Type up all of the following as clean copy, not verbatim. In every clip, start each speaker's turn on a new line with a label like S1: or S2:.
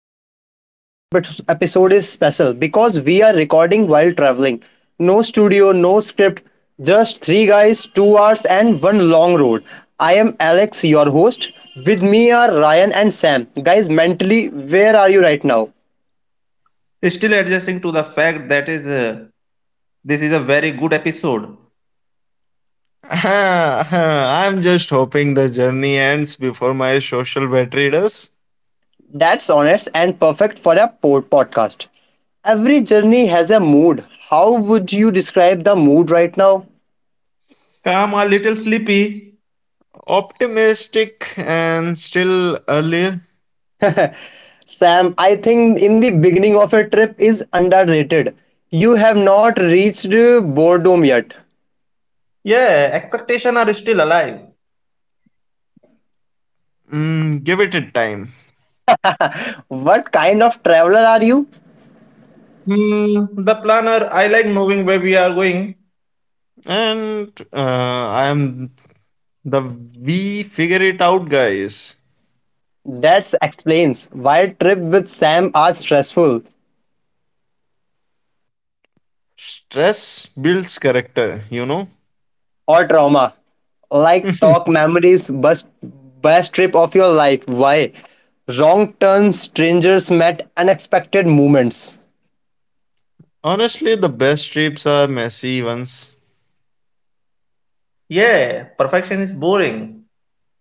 S1: podcast. This episode is special because we are recording while traveling. No studio, no script, just three guys, 2 hours, and one long road. I am Alex, your host. With me are Ryan and Sam. Guys, mentally, where are you right now?
S2: Still adjusting to the fact that is this is a very good episode.
S3: I'm just hoping the journey ends before my social battery does.
S1: That's honest and perfect for a podcast. Every journey has a mood. How would you describe the mood right now?
S2: Calm, a little sleepy.
S3: Optimistic and still early.
S1: Sam, I think in the beginning of a trip is underrated. You have not reached boredom yet.
S2: Yeah, expectations are still alive.
S3: Give it a time.
S1: What kind of traveler are you?
S2: The planner, I like knowing where we are going.
S3: And I'm the we figure it out guys.
S1: That explains why trip with Sam are stressful
S3: Stress builds character, you know.
S1: or trauma. Like talk memories, bus best trip of your life. Why? Wrong turns, strangers met, unexpected moments.
S3: Honestly, the best trips are messy ones.
S2: Yeah, perfection is boring.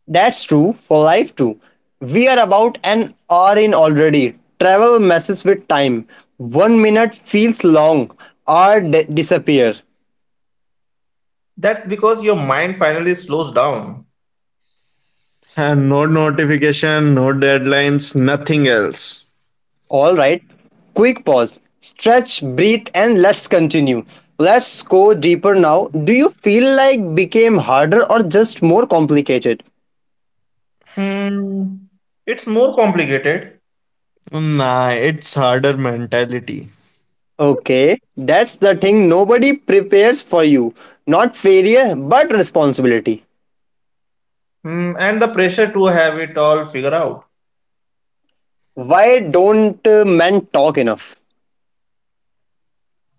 S1: That's true for life too. We are about an hour in already. Travel messes with time. One minute feels long, hour disappear.
S2: That's because your mind finally slows down.
S3: And no notification, no deadlines, nothing else.
S1: All right, quick pause. Stretch, breathe, and let's continue. Let's go deeper now. Do you feel like became harder or just more complicated?
S2: Hmm, it's more complicated.
S3: Nah, it's harder mentality.
S1: Okay, that's the thing nobody prepares for you. Not failure, but responsibility.
S2: And the pressure to have it all figured out.
S1: Why don't men talk enough?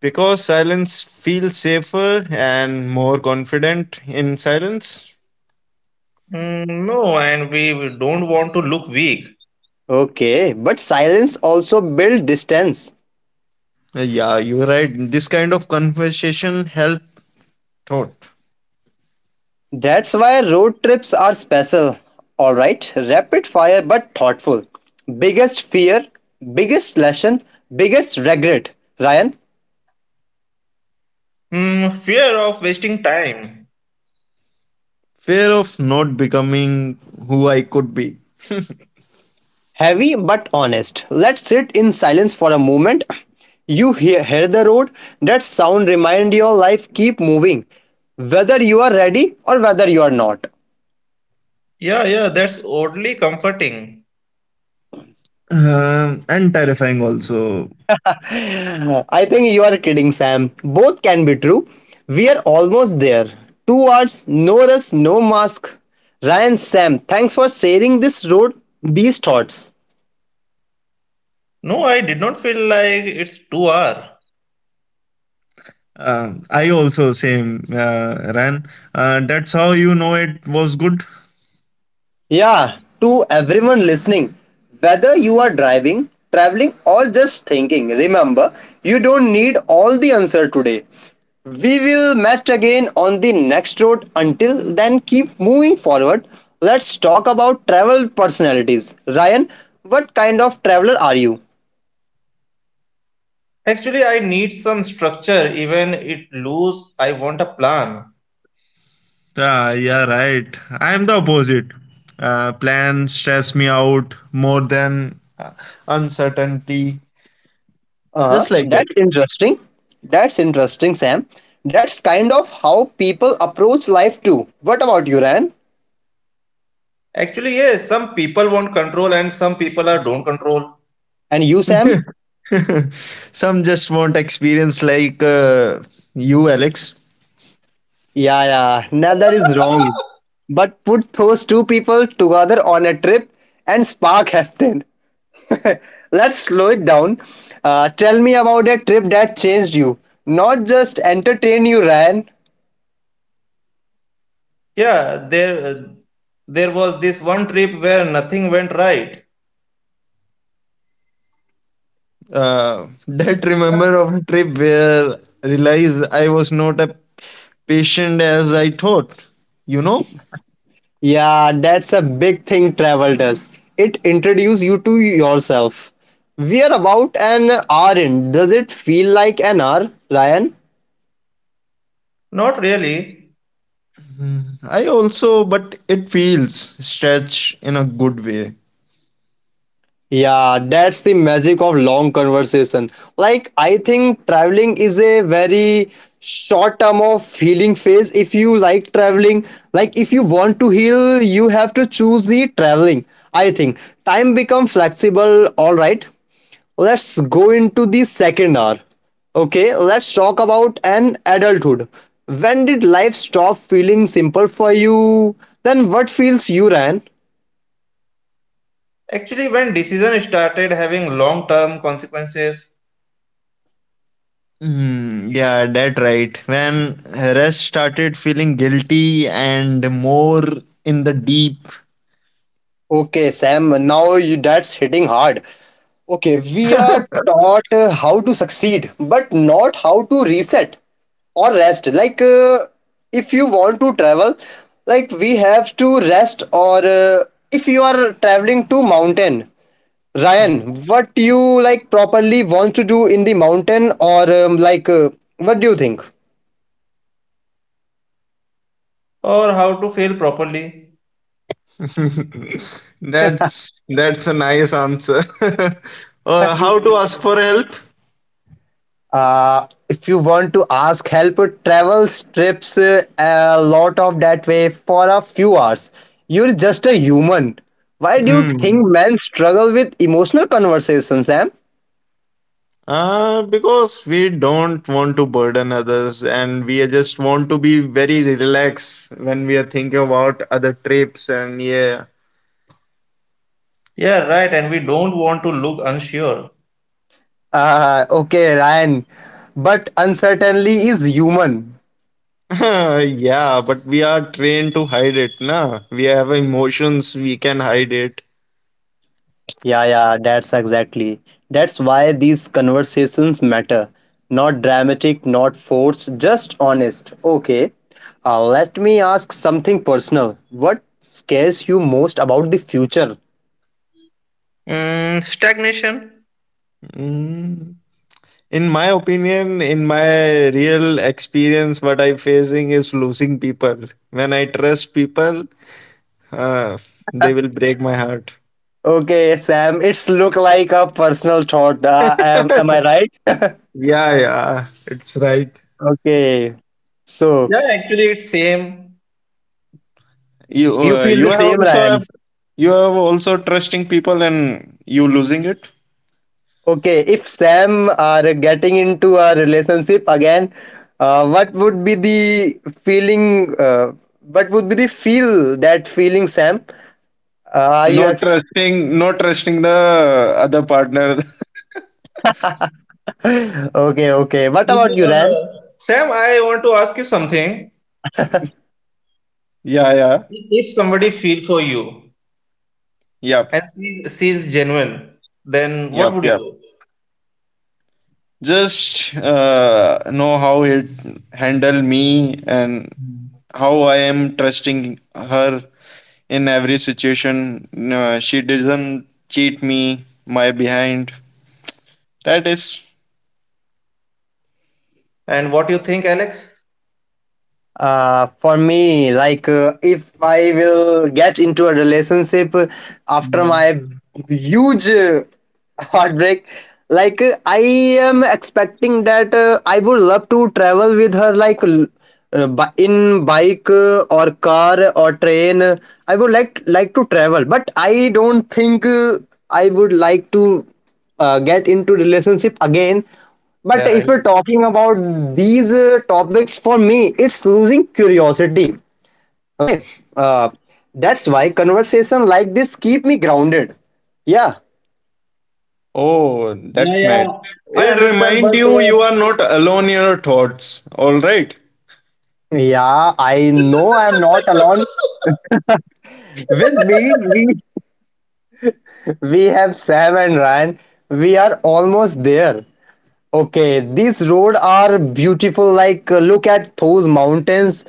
S3: Because silence feels safer and more confident in silence.
S2: No, and we don't want to look weak.
S1: Okay, but silence also builds distance.
S3: Yeah, you're right. This kind of conversation help thought.
S1: That's why road trips are special. Alright, rapid fire but thoughtful. Biggest fear, biggest lesson, biggest regret. Ryan,
S2: Fear of wasting time.
S3: Fear of not becoming who I could be.
S1: heavy but honest. Let's sit in silence for a moment. You hear the road, that sound remind your life keep moving, whether you are ready or whether you are not.
S2: Yeah, yeah, that's oddly comforting.
S3: And terrifying also.
S1: I think you are kidding, Sam. Both can be true. We are almost there. 2 hours, no rush, no mask. Ryan, Sam, thanks for sharing this road, these thoughts.
S2: No, I did not feel like it's too hour.
S3: I also same ran. That's how you know it was good.
S1: Yeah, to everyone listening, whether you are driving, traveling, or just thinking, remember you don't need all the answer today. We will meet again on the next road. Until then, keep moving forward. Let's talk about travel personalities. Ryan, what kind of traveler are you?
S2: Actually, I need some structure, even it loose. I want a plan.
S3: Ah, yeah, right. I am the opposite. Plans stress me out more than uncertainty.
S1: Uh-huh.
S3: Just like that.
S1: That's interesting. That's interesting, Sam. That's kind of how people approach life too. What about you, Ryan?
S2: Actually, yes, some people want control and some people are don't control.
S1: And you, Sam?
S3: Some just want experience like you, Alex.
S1: Yeah, yeah, neither is wrong. But put those two people together on a trip and spark happen. Let's slow it down. Tell me about a trip that changed you, not just entertain you, Ryan.
S2: Yeah, there was this one trip where nothing went right.
S3: That remember of a trip where realize I was not a patient as I thought. You know.
S1: Yeah, that's a big thing travel does. It introduces you to yourself. We are about an hour in. Does it feel like an hour, Ryan?
S2: Not really.
S3: Hmm. I also, but it feels stretch in a good way.
S1: Yeah, that's the magic of long conversation. Like, I think traveling is a very short term of healing phase. If you like traveling, like if you want to heal, you have to choose the traveling. I think time become flexible. All right, let's go into the second hour. Okay, let's talk about an adulthood. When did life stop feeling simple for you? Then what feels you ran?
S2: Actually, when decision started having long-term consequences,
S3: Hmm, yeah, that right. When Harass started feeling guilty and more in the deep.
S1: Okay, Sam, now you that's hitting hard. Okay, we are taught how to succeed, but not how to reset or rest. Like, if you want to travel, like we have to rest, or if you are traveling to mountain, Ryan,
S2: hmm,
S1: what you like properly want to do in the mountain, or like, what do you think?
S2: or how to fail properly.
S3: That's a nice answer. How to ask
S2: We,
S3: for help?
S1: If you want to ask help travel trips a lot of that way for a few hours, you're just a human. Why do you think
S3: Mm.
S1: men struggle with emotional conversations, Sam?
S3: Because we don't want to burden others and we just want to be very relaxed when we are thinking about other trips and yeah.
S2: yeah, right, and we don't want to look unsure.
S1: Okay, Ryan, but uncertainty is human.
S3: Yeah, but we are trained to hide it, na? We have emotions, we can hide it.
S1: Yeah, yeah, that's exactly. That's why these conversations matter. Not dramatic, not forced, just honest. Okay, let me ask something personal. What scares you most about the future?
S2: Stagnation.
S3: Mm. In my opinion, in my real experience, what I'm facing is losing people. When I trust people, uh, they will break my heart.
S1: Okay, Sam, it's look like a personal thought. Am I right?
S3: Yeah, yeah, it's right.
S1: Okay, so
S2: Yeah, actually, it's same.
S3: you
S1: you
S3: uh,
S1: feel
S3: you
S1: the
S3: have
S1: same,
S3: also
S1: Ryan.
S3: have, you have also trusting people and you losing it.
S1: Okay, if Sam are getting into a relationship again, what would be the feeling? What would be the feel that feeling, Sam? Are you
S3: not trusting not trusting the other partner.
S1: okay? Okay. What
S2: If,
S1: about you, Ran?
S2: Sam, I want to ask you something.
S3: Yeah, yeah.
S2: If somebody feel for you
S3: Yep,
S2: and she's genuine, then what
S3: yep,
S2: would you
S3: yep.
S2: do?
S3: Just know how it handle me and how I am trusting her in every situation. She doesn't cheat me, my behind. That is,
S2: And what do you think, Alex?
S1: For me, like if I will get into a relationship after
S2: Mm.
S1: my huge heartbreak, like I am expecting that I would love to travel with her, like in bike or car or train. I would like to travel, but I don't think I would like to get into relationship again, but
S2: They
S1: if
S2: right.
S1: we're talking about these topics, for me it's losing curiosity. Okay. uh, that's why conversation like this keep me grounded. Yeah,
S3: oh,
S2: Yeah,
S3: that's nice.
S2: yeah. I
S3: It
S2: understand,
S3: remind
S2: but
S3: you you are not alone in your thoughts. All right,
S1: yeah, I know I'm not alone. With me, we have Sam and Ryan. We are almost there. Okay, these road are beautiful. Like, look at those mountains.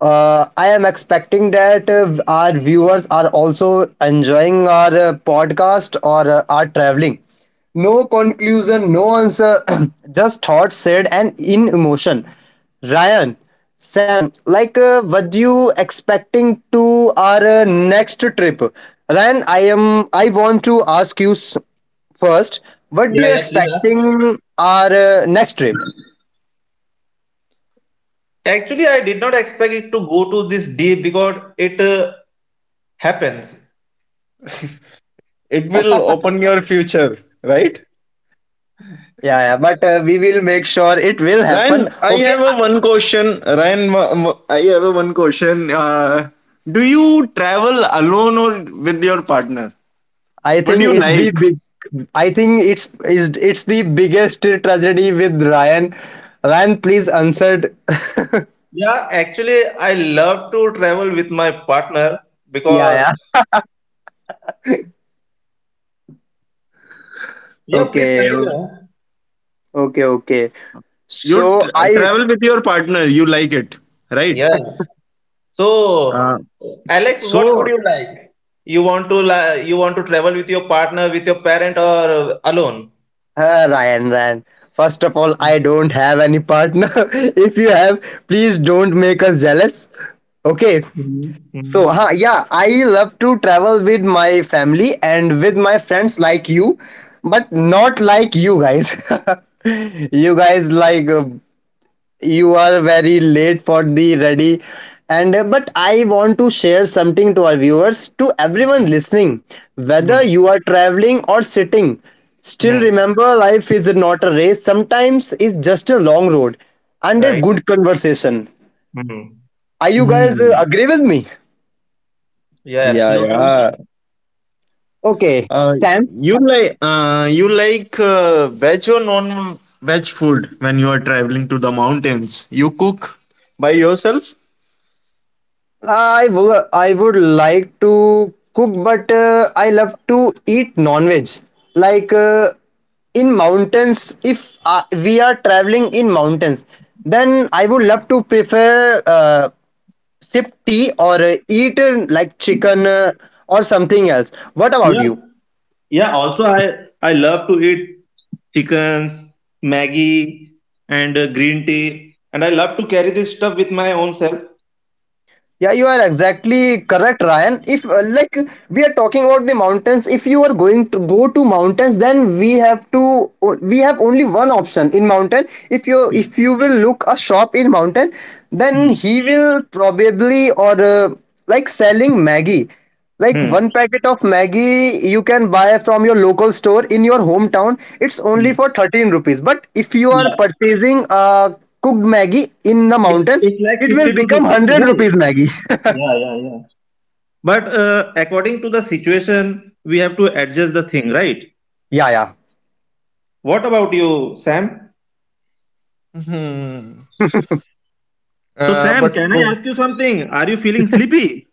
S1: I am expecting that our viewers are also enjoying our podcast or are traveling. No conclusion, no answer, just thoughts said and in emotion. Ryan, Sam, like, what do you expecting to our next trip? Ryan, I am. I want to ask you first, what do
S2: yeah,
S1: you
S2: yeah. Please ask.
S1: expecting our next trip?
S2: Actually, I did not expect it to go to this deep because it happens.
S3: it will open your future, right?
S1: Yeah, yeah, but we will make sure it will
S3: Ryan,
S1: happen.
S3: I
S1: Okay,
S3: have a one question. Ryan, I have a one question. Do you travel alone or with your partner?
S1: I
S3: What do
S1: think
S3: you
S1: it's
S3: like?
S1: the big. I think it's the biggest tragedy with Ryan. Ryan, please answer.
S2: Yeah, actually, I love to travel with my partner
S1: Yeah,
S2: because
S1: yeah.
S2: yeah. Please
S1: Okay,
S2: continue.
S1: okay.
S3: You
S1: So
S3: tr
S1: I,
S3: travel with your partner. You like it, right?
S2: Yeah. So,
S3: Uh,
S2: Alex, what would
S3: so.
S2: you like? You want to travel with your partner, with your parent, or alone?
S1: Ryan. First of all, I don't have any partner. If you have, please don't make us jealous. Okay.
S2: Mm-hmm.
S1: So,
S2: Mm-hmm.
S1: yeah, I love to travel with my family and with my friends like you, but not like you guys. You guys like you are very late for the ready, and but I want to share something to our viewers, to everyone listening, whether you are traveling or sitting. Still
S2: Mm-hmm.
S1: remember, life is not a race, sometimes it's just a long road and a
S2: Right.
S1: good conversation.
S2: Hmm.
S1: Are you guys
S3: Mhm.
S1: agree with me?
S2: Yeah,
S3: Yeah,
S2: absolutely.
S3: yeah.
S1: Okay,
S3: Uh,
S1: Sam.
S3: you like veg or non veg food when you are traveling to the mountains? You cook by yourself?
S1: I would like to cook, but I love to eat non-veg. Like in mountains, if we are traveling in mountains, then I would love to prefer sip tea or eat like chicken or something else. What about
S2: Yeah.
S1: you?
S2: Yeah, also I love to eat chickens, Maggie, and green tea, and I love to carry this stuff with my own self.
S1: Yeah, you are exactly correct, Ryan. If like we are talking about the mountains, if you are going to go to mountains, then we have only one option in mountain. If you
S2: Yeah.
S1: if you will look a shop in mountain, then he
S2: Hmm.
S1: will probably or like selling Maggie. Like one
S2: Hmm.
S1: packet of Maggie you can buy from your local store in your hometown, it's only
S2: Yeah.
S1: for 13 rupees. But if you are
S2: Yeah.
S1: purchasing a cooked Maggie in the
S2: It-
S1: mountain,
S2: It's like
S1: it will
S2: 50 to
S1: become
S2: 60,
S1: 100
S2: right?
S1: rupees Maggie.
S2: Yeah. Yeah. Yeah. But according to the situation, we have to adjust the thing, right?
S1: Yeah, yeah.
S2: What about you, Sam?
S3: Hmm.
S2: So,
S3: Uh,
S2: Sam,
S3: but
S2: can I
S3: co-
S2: ask you something? Are you feeling sleepy?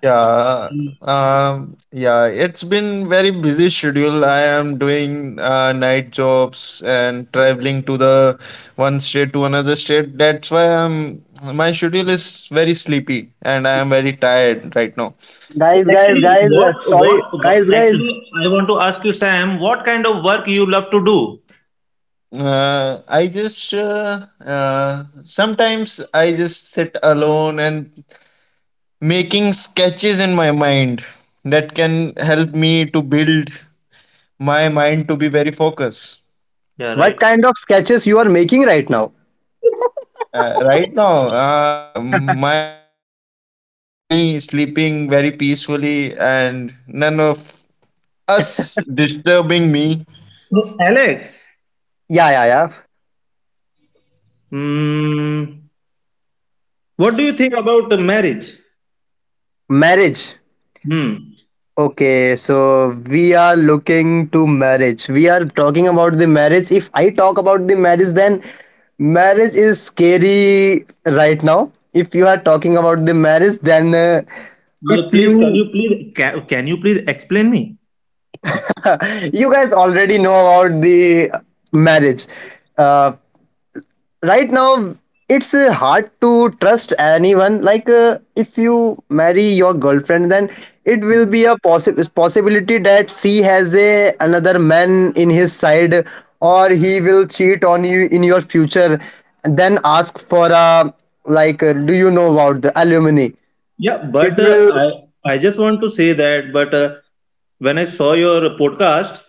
S3: Yeah, yeah, it's been very busy schedule. I am doing night jobs and traveling to the one state to another state. That's why I'm my schedule is very sleepy and I am very tired right now.
S1: Guys, guys,
S2: Actually,
S1: guys, sorry. Guys, guys.
S2: actually, I want to ask you, Sam, what kind of work you love to do?
S3: I just sometimes I just sit alone and making sketches in my mind that can help me to build my mind to be very focused.
S2: Yeah,
S1: What
S2: right.
S1: kind of sketches you are making right now?
S3: Right now, my bed and me sleeping very peacefully, and none of us disturbing me.
S2: So, Alex,
S1: Yeah, yeah, yeah.
S2: Hmm. what do you think about the marriage?
S1: Marriage.
S2: Hmm.
S1: Okay, so we are looking to marriage. We are talking about the marriage. If I talk about the marriage, then marriage is scary right now. If you are talking about the marriage, then
S2: Now,
S1: if
S2: please, can
S1: you
S2: you please, can, can you please explain me?
S1: you guys already know about the marriage. Uh, right now it's hard to trust anyone, like if you marry your girlfriend then it will be
S2: Hmm.
S1: a possibility that she has a another man in his side or he will cheat on you in your future, then ask for a, like do you know about the alimony?
S2: Yeah,
S1: It
S2: but
S1: will,
S2: I just want to say that, but when I saw your podcast,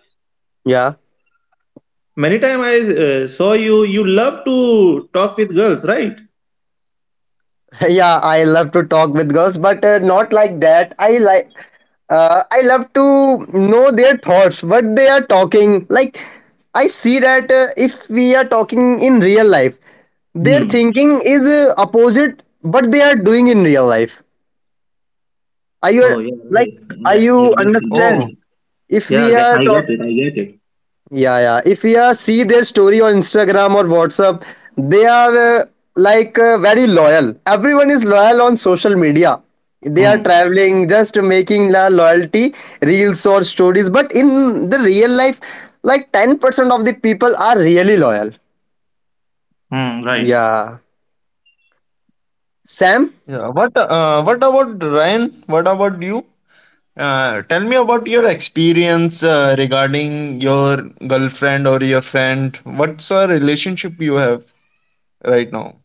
S1: yeah.
S2: many time I saw you. You love to talk with girls, right?
S1: Yeah, I love to talk with girls, but not like that. I like I love to know their thoughts, what they are talking. Like I see that if we are talking in real life, their
S2: Hmm.
S1: thinking is opposite what they are doing in real life. Are
S2: Oh
S1: you
S2: yeah,
S1: like
S2: right.
S1: are
S2: Yeah,
S3: Oh,
S2: I
S1: you
S2: get it, get
S1: understand?
S2: it.
S1: If
S2: Yeah,
S1: we are
S2: I
S1: talk,
S2: get it. I get it.
S1: yeah, yeah. If we see their story on Instagram or WhatsApp, they are like very loyal. Everyone is loyal on social media. They are
S2: Hmm.
S1: traveling, just making la loyalty reels or stories. But in the real life, like 10% of the people are really loyal.
S2: Hmm. Right.
S1: Yeah. Sam,
S3: yeah. What about Ryan? What about you? Tell me about your experience regarding your girlfriend or your friend. What's a relationship you have right now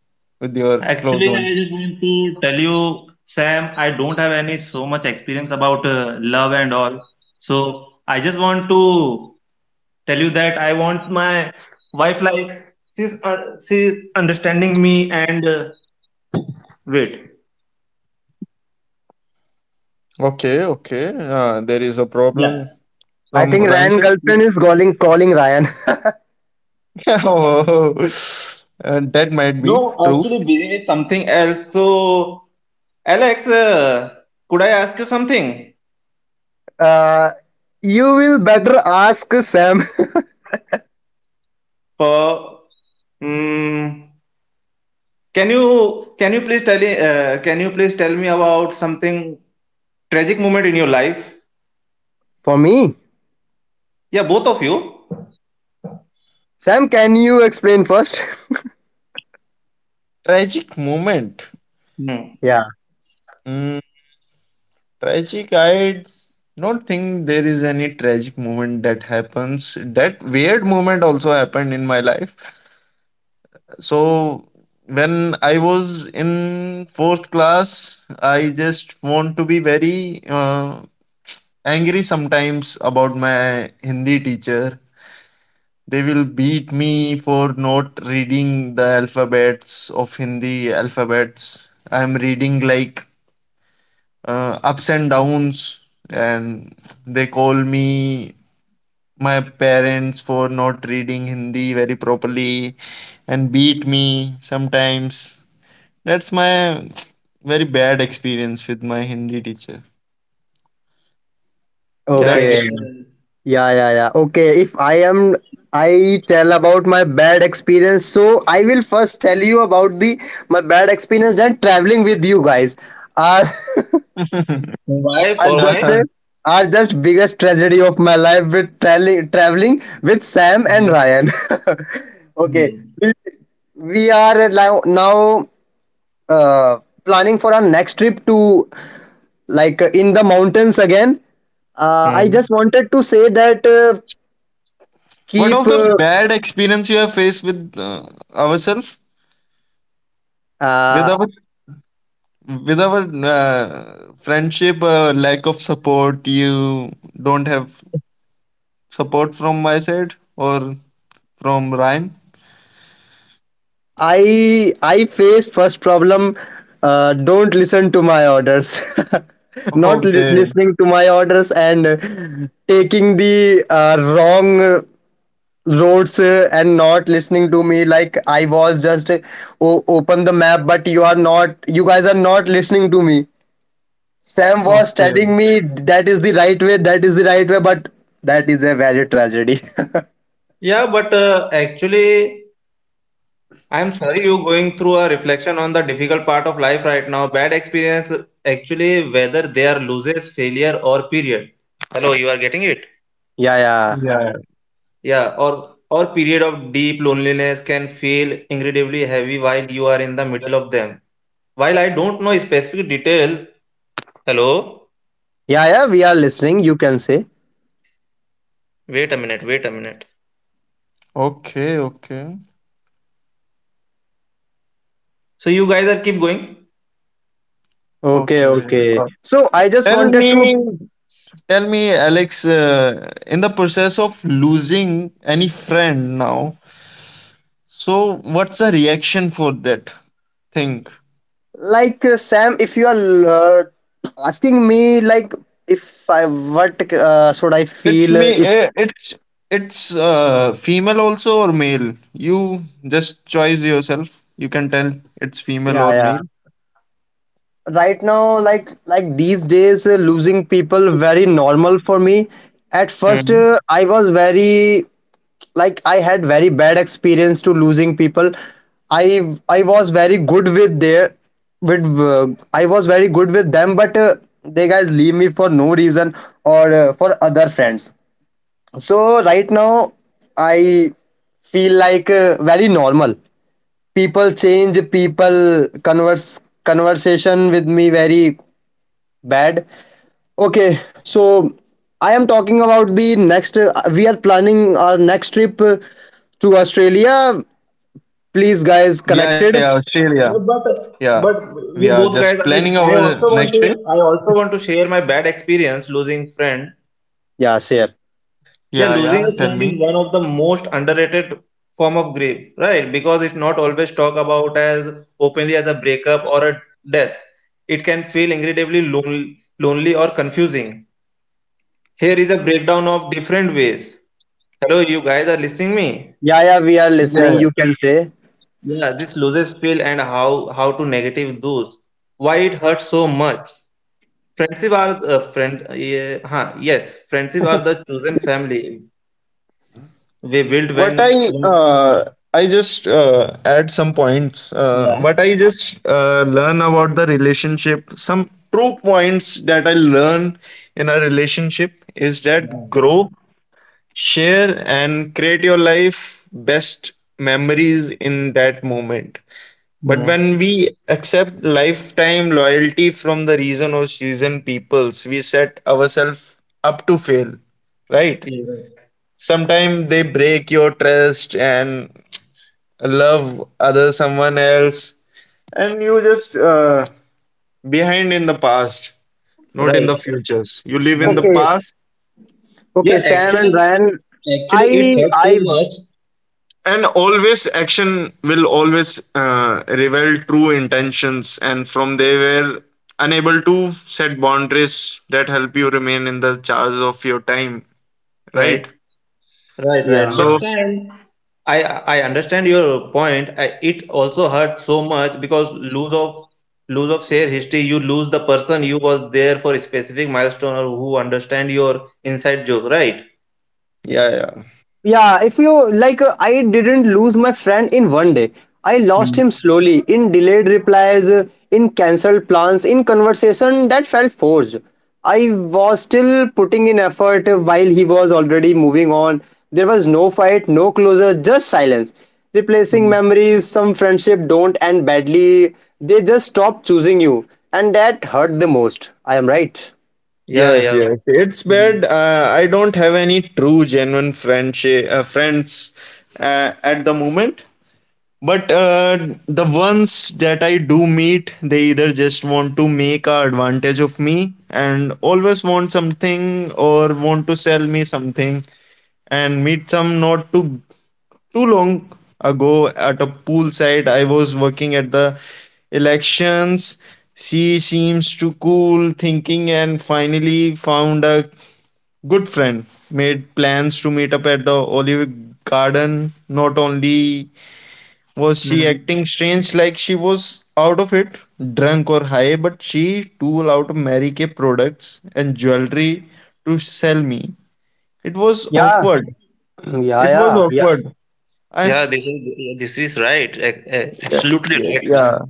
S3: with your
S2: Actually,
S3: close
S2: I
S3: one?
S2: just want to tell you, Sam, I don't have any so much experience about love and all. So I just want to tell you that I want my wife like she's understanding me and wait.
S3: Okay, okay. There is a problem
S2: Yeah.
S1: I
S3: from
S1: think
S3: Ryan's
S1: Ryan
S3: side.
S2: Yeah.
S1: girlfriend is calling Ryan.
S3: Oh, that might be
S2: No,
S3: true.
S2: actually, busy with something else. So, Alex, could I ask you something?
S1: uh, you will better ask Sam.
S2: Uh, mm, can you please tell me about something tragic moment in your life?
S1: For me,
S2: Yeah, both of you.
S1: Sam, can you explain first?
S3: Tragic moment.
S2: Hmm.
S3: Mm, tragic. I don't think there is any tragic moment that happens. That weird moment also happened in my life. So when I was in fourth class, I just want to be very angry sometimes about my Hindi teacher. They will beat me for not reading the alphabets of Hindi alphabets. I'm reading like ups and downs, and they call me my parents for not reading Hindi very properly and beat me sometimes. That's my very bad experience with my Hindi teacher.
S2: Yeah, I get
S1: Okay.
S3: That's
S2: it.
S1: Yeah, yeah, yeah. Okay, if I am I tell about my bad experience, so I will first tell you about the my bad experience and traveling with you guys. Are
S2: Why?
S1: are
S2: For
S1: just
S2: why?
S1: are just biggest tragedy of my life with traveling with Sam and
S2: Hmm.
S1: Ryan. Okay.
S2: Hmm.
S1: We, we are now uh, planning for our next trip to, like in the mountains again. I just
S2: Hmm.
S1: wanted to say that
S3: what
S1: keep
S3: of the bad experience you have faced with ourselves, with
S1: uh,
S3: our with our friendship, lack of support, you don't have support from my side or from Ryan.
S1: I face first problem, don't listen to my orders. not li-
S3: Okay,
S1: Listening to my orders and taking the wrong roads and not listening to me, like I was just open the map, but you guys are not listening to me. Sam was
S3: okay,
S1: telling me that is the right way, that is the right way, but that is a value tragedy.
S2: Yeah, but actually, I'm sorry you're going through a reflection on the difficult part of life right now. Bad experience, actually, whether they are losses, failure, or period. Hello, you are getting it?
S1: Yeah, yeah,
S3: yeah.
S2: Yeah, or period of deep loneliness can feel incredibly heavy while you are in the middle of them. While I don't know specific detail, hello,
S1: yeah, yeah, we are listening. You can say.
S2: wait a minute, wait a minute.
S3: okay okay
S2: So you guys are keep going.
S1: Okay,
S3: okay.
S1: okay.
S3: Uh,
S1: So I just
S3: tell
S1: wanted
S3: me,
S1: to,
S3: tell me Alex, in the process of losing any friend now, so what's the reaction for that thing?
S1: like Sam, if you are asking me like if I what should I
S3: It's
S1: feel
S3: me.
S1: if,
S3: It's female also or male. You just choice yourself. You can tell it's female
S1: yeah,
S3: or
S1: yeah,
S3: male.
S1: right now like these days losing people very normal for me. At first
S2: Hmm.
S1: I was very like I had very bad experience to losing people. I was very good with their with I was very good with them, but they guys leave me for no reason or for other friends. So right now I feel like very normal. People change, people converse conversation with me very bad. Okay, so I am talking about the next. We are planning our next trip to Australia. Please, guys,
S3: Yeah, yeah,
S1: connected.
S3: Australia.
S2: Yeah, but
S3: Yeah,
S2: but
S3: we are
S2: you
S3: just
S2: both guys,
S3: planning
S2: I,
S3: our
S2: I
S3: next
S2: also
S3: trip.
S2: want to share my bad experience losing friend.
S1: Yeah, share.
S3: Yeah, yeah.
S2: Yeah,
S3: Tell me.
S2: losing a friend is one of the most underrated form of grief, right? Because it's not always talked about as openly as a breakup or a death. It can feel incredibly lonely or confusing. Here is a breakdown of different ways. Hello, you guys are listening me?
S1: Yeah, yeah, we are
S3: Yeah.
S1: listening. You can say.
S2: Yeah, this loses feel and how to negative those. Why it hurts so much? Friendship are friend. Yeah, yes, friendship are the chosen family we build
S3: What
S2: when. when
S3: I just add some points. What
S2: Yeah.
S3: I just learn about the relationship. Some true points that I learn in a relationship is
S2: Yeah.
S3: that grow, share and create your life best memories in that moment. But
S2: Hmm.
S3: when we accept lifetime loyalty from the reason or season peoples, we set ourselves up to fail, right?
S2: Even.
S3: Sometimes they break your trust and love other someone else, and you just behind in the past,
S2: Right,
S3: not in the
S2: right.
S3: futures. You live in the
S2: Right.
S1: Okay.
S3: past.
S2: Yeah,
S1: Okay, Sam and
S2: actually,
S1: Ryan. I,
S2: actually, it's hurt so
S1: I,
S2: much.
S3: And always action will always reveal true intentions, and from they were unable to set boundaries that help you remain in the charge of your time,
S2: Right,
S3: right?
S2: right, right. But
S1: yeah.
S3: So
S2: Sam, I understand your point. It also hurt so much because lose of share history. You lose the person you was there for a specific milestone or who understand your inside joke. Right.
S3: yeah, yeah.
S1: Yeah, if you like, I didn't lose my friend in one day. I lost
S2: Hmm.
S1: him slowly in delayed replies, in cancelled plans, in conversation that felt forced. I was still putting in effort while he was already moving on. There was no fight, no closure, just silence. Replacing
S2: Hmm.
S1: memories, some friendship don't end badly. They just stop choosing you, and that hurt the most. I am right.
S2: Yeah,
S3: Yes,
S2: yeah.
S3: yes, it's
S2: Hmm.
S3: bad. Uh, I don't have any true genuine friendship friends at the moment, but the ones that I do meet, they either just want to make a advantage of me and always want something or want to sell me something. And meet some not too too long ago at a poolside, I was working at the elections. She seems too cool thinking and finally found a good friend. Made plans to meet up at the Olive Garden. Not only was she
S2: Hmm.
S3: acting strange like she was out of it, drunk or high, but she too allowed Mary Kay products and jewelry to sell me. It was awkward. It was
S1: Yeah, yeah.
S3: awkward. I
S2: Yeah, this is right.
S3: yeah,
S2: Absolutely
S3: yeah,
S2: right,
S3: yeah.
S2: Sam.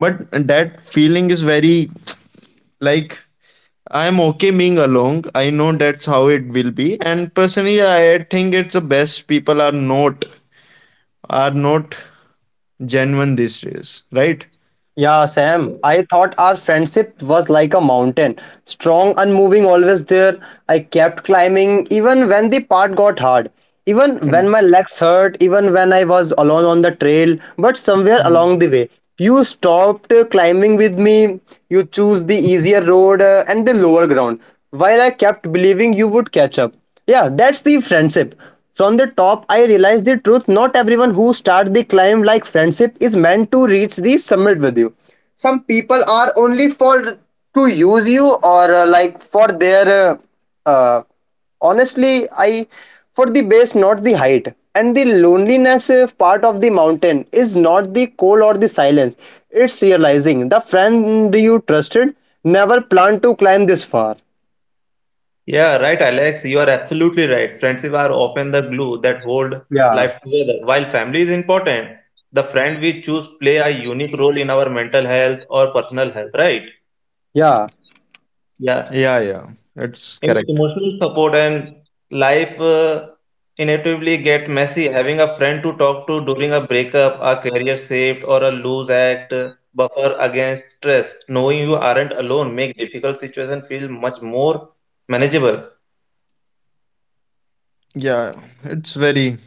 S3: But that feeling is very like I'm okay being alone. I know that's how it will be. And personally I think it's the best people are not genuine these days. Right?
S1: Yeah, Sam, I thought our friendship was like a mountain, strong, unmoving, always there. I kept climbing even when the path got hard, even when my
S2: Hmm.
S1: legs hurt, even when I was alone on the trail. But somewhere along
S2: Hmm.
S1: the way, you stopped climbing with me, you chose the easier road and the lower ground, while I kept believing you would catch up. Yeah, that's the friendship. From the top, I realized the truth. Not everyone who starts the climb like friendship is meant to reach the summit with you. Some people are only for to use you or like for their. Uh, Honestly, I for the base, not the height. And the loneliness part of the mountain is not the cold or the silence. It's realizing the friend you trusted never planned to climb this far.
S2: Yeah, right, Alex. You are absolutely right. Friendship are often the glue that hold
S1: Yeah.
S2: life together. While family is important, the friend we choose play a unique role in our mental health or personal health, right?
S1: Yeah.
S3: Yeah, yeah.
S2: Yeah.
S3: That's correct.
S2: In emotional support and life inevitably get messy. Having a friend to talk to during a breakup, a career shift, or a loose act buffer against stress. Knowing you aren't alone make difficult situation feel much more manageable.
S3: Yeah, it's very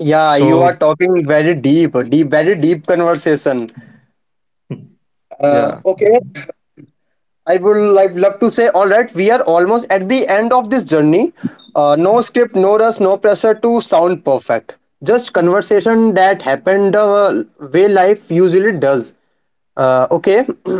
S1: Yeah, you are
S3: so
S1: talking very very deep conversation.
S3: yeah.
S1: Okay, I would like love to say, all right, we are almost at the end of this journey. No script, no rush, no pressure to sound perfect. Just conversation that happened way life usually does. Okay,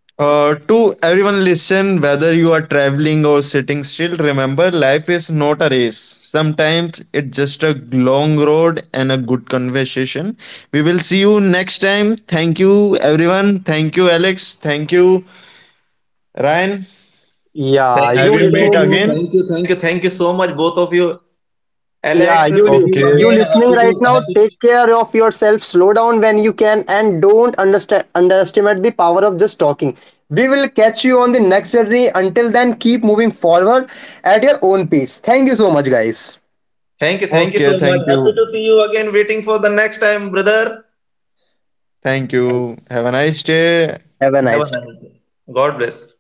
S3: To everyone listen, whether you are traveling or sitting still, remember life is not a race. Sometimes it's just a long road and a good conversation. We will see you next time. Thank you, everyone. Thank you, Alex. Thank you, Ryan.
S1: yeah,
S2: Thank you,
S1: you
S3: Have you
S2: both of
S3: meet
S1: listening.
S2: you.
S3: again?
S2: Thank you, thank you, thank you so much, both of you.
S1: Yeah,
S2: Alex, with you
S3: Okay.
S1: you
S2: again.
S1: listening
S2: Happy to,
S1: right now.
S2: happy.
S1: Take
S2: To,
S1: care of yourself. Slow down when you can, and don't understand underestimate the power of just talking. We will catch you on the next journey. Until then, keep moving forward at your own pace. Thank you so much, guys.
S2: thank you
S3: Okay.
S2: so
S3: Thank
S2: much. Happy
S3: you.
S2: to see you again. Waiting for the next time, brother.
S3: Thank
S1: Thank
S3: you. Have a nice day.
S1: you. Have a
S2: Have a
S1: nice day.
S2: nice day. God bless.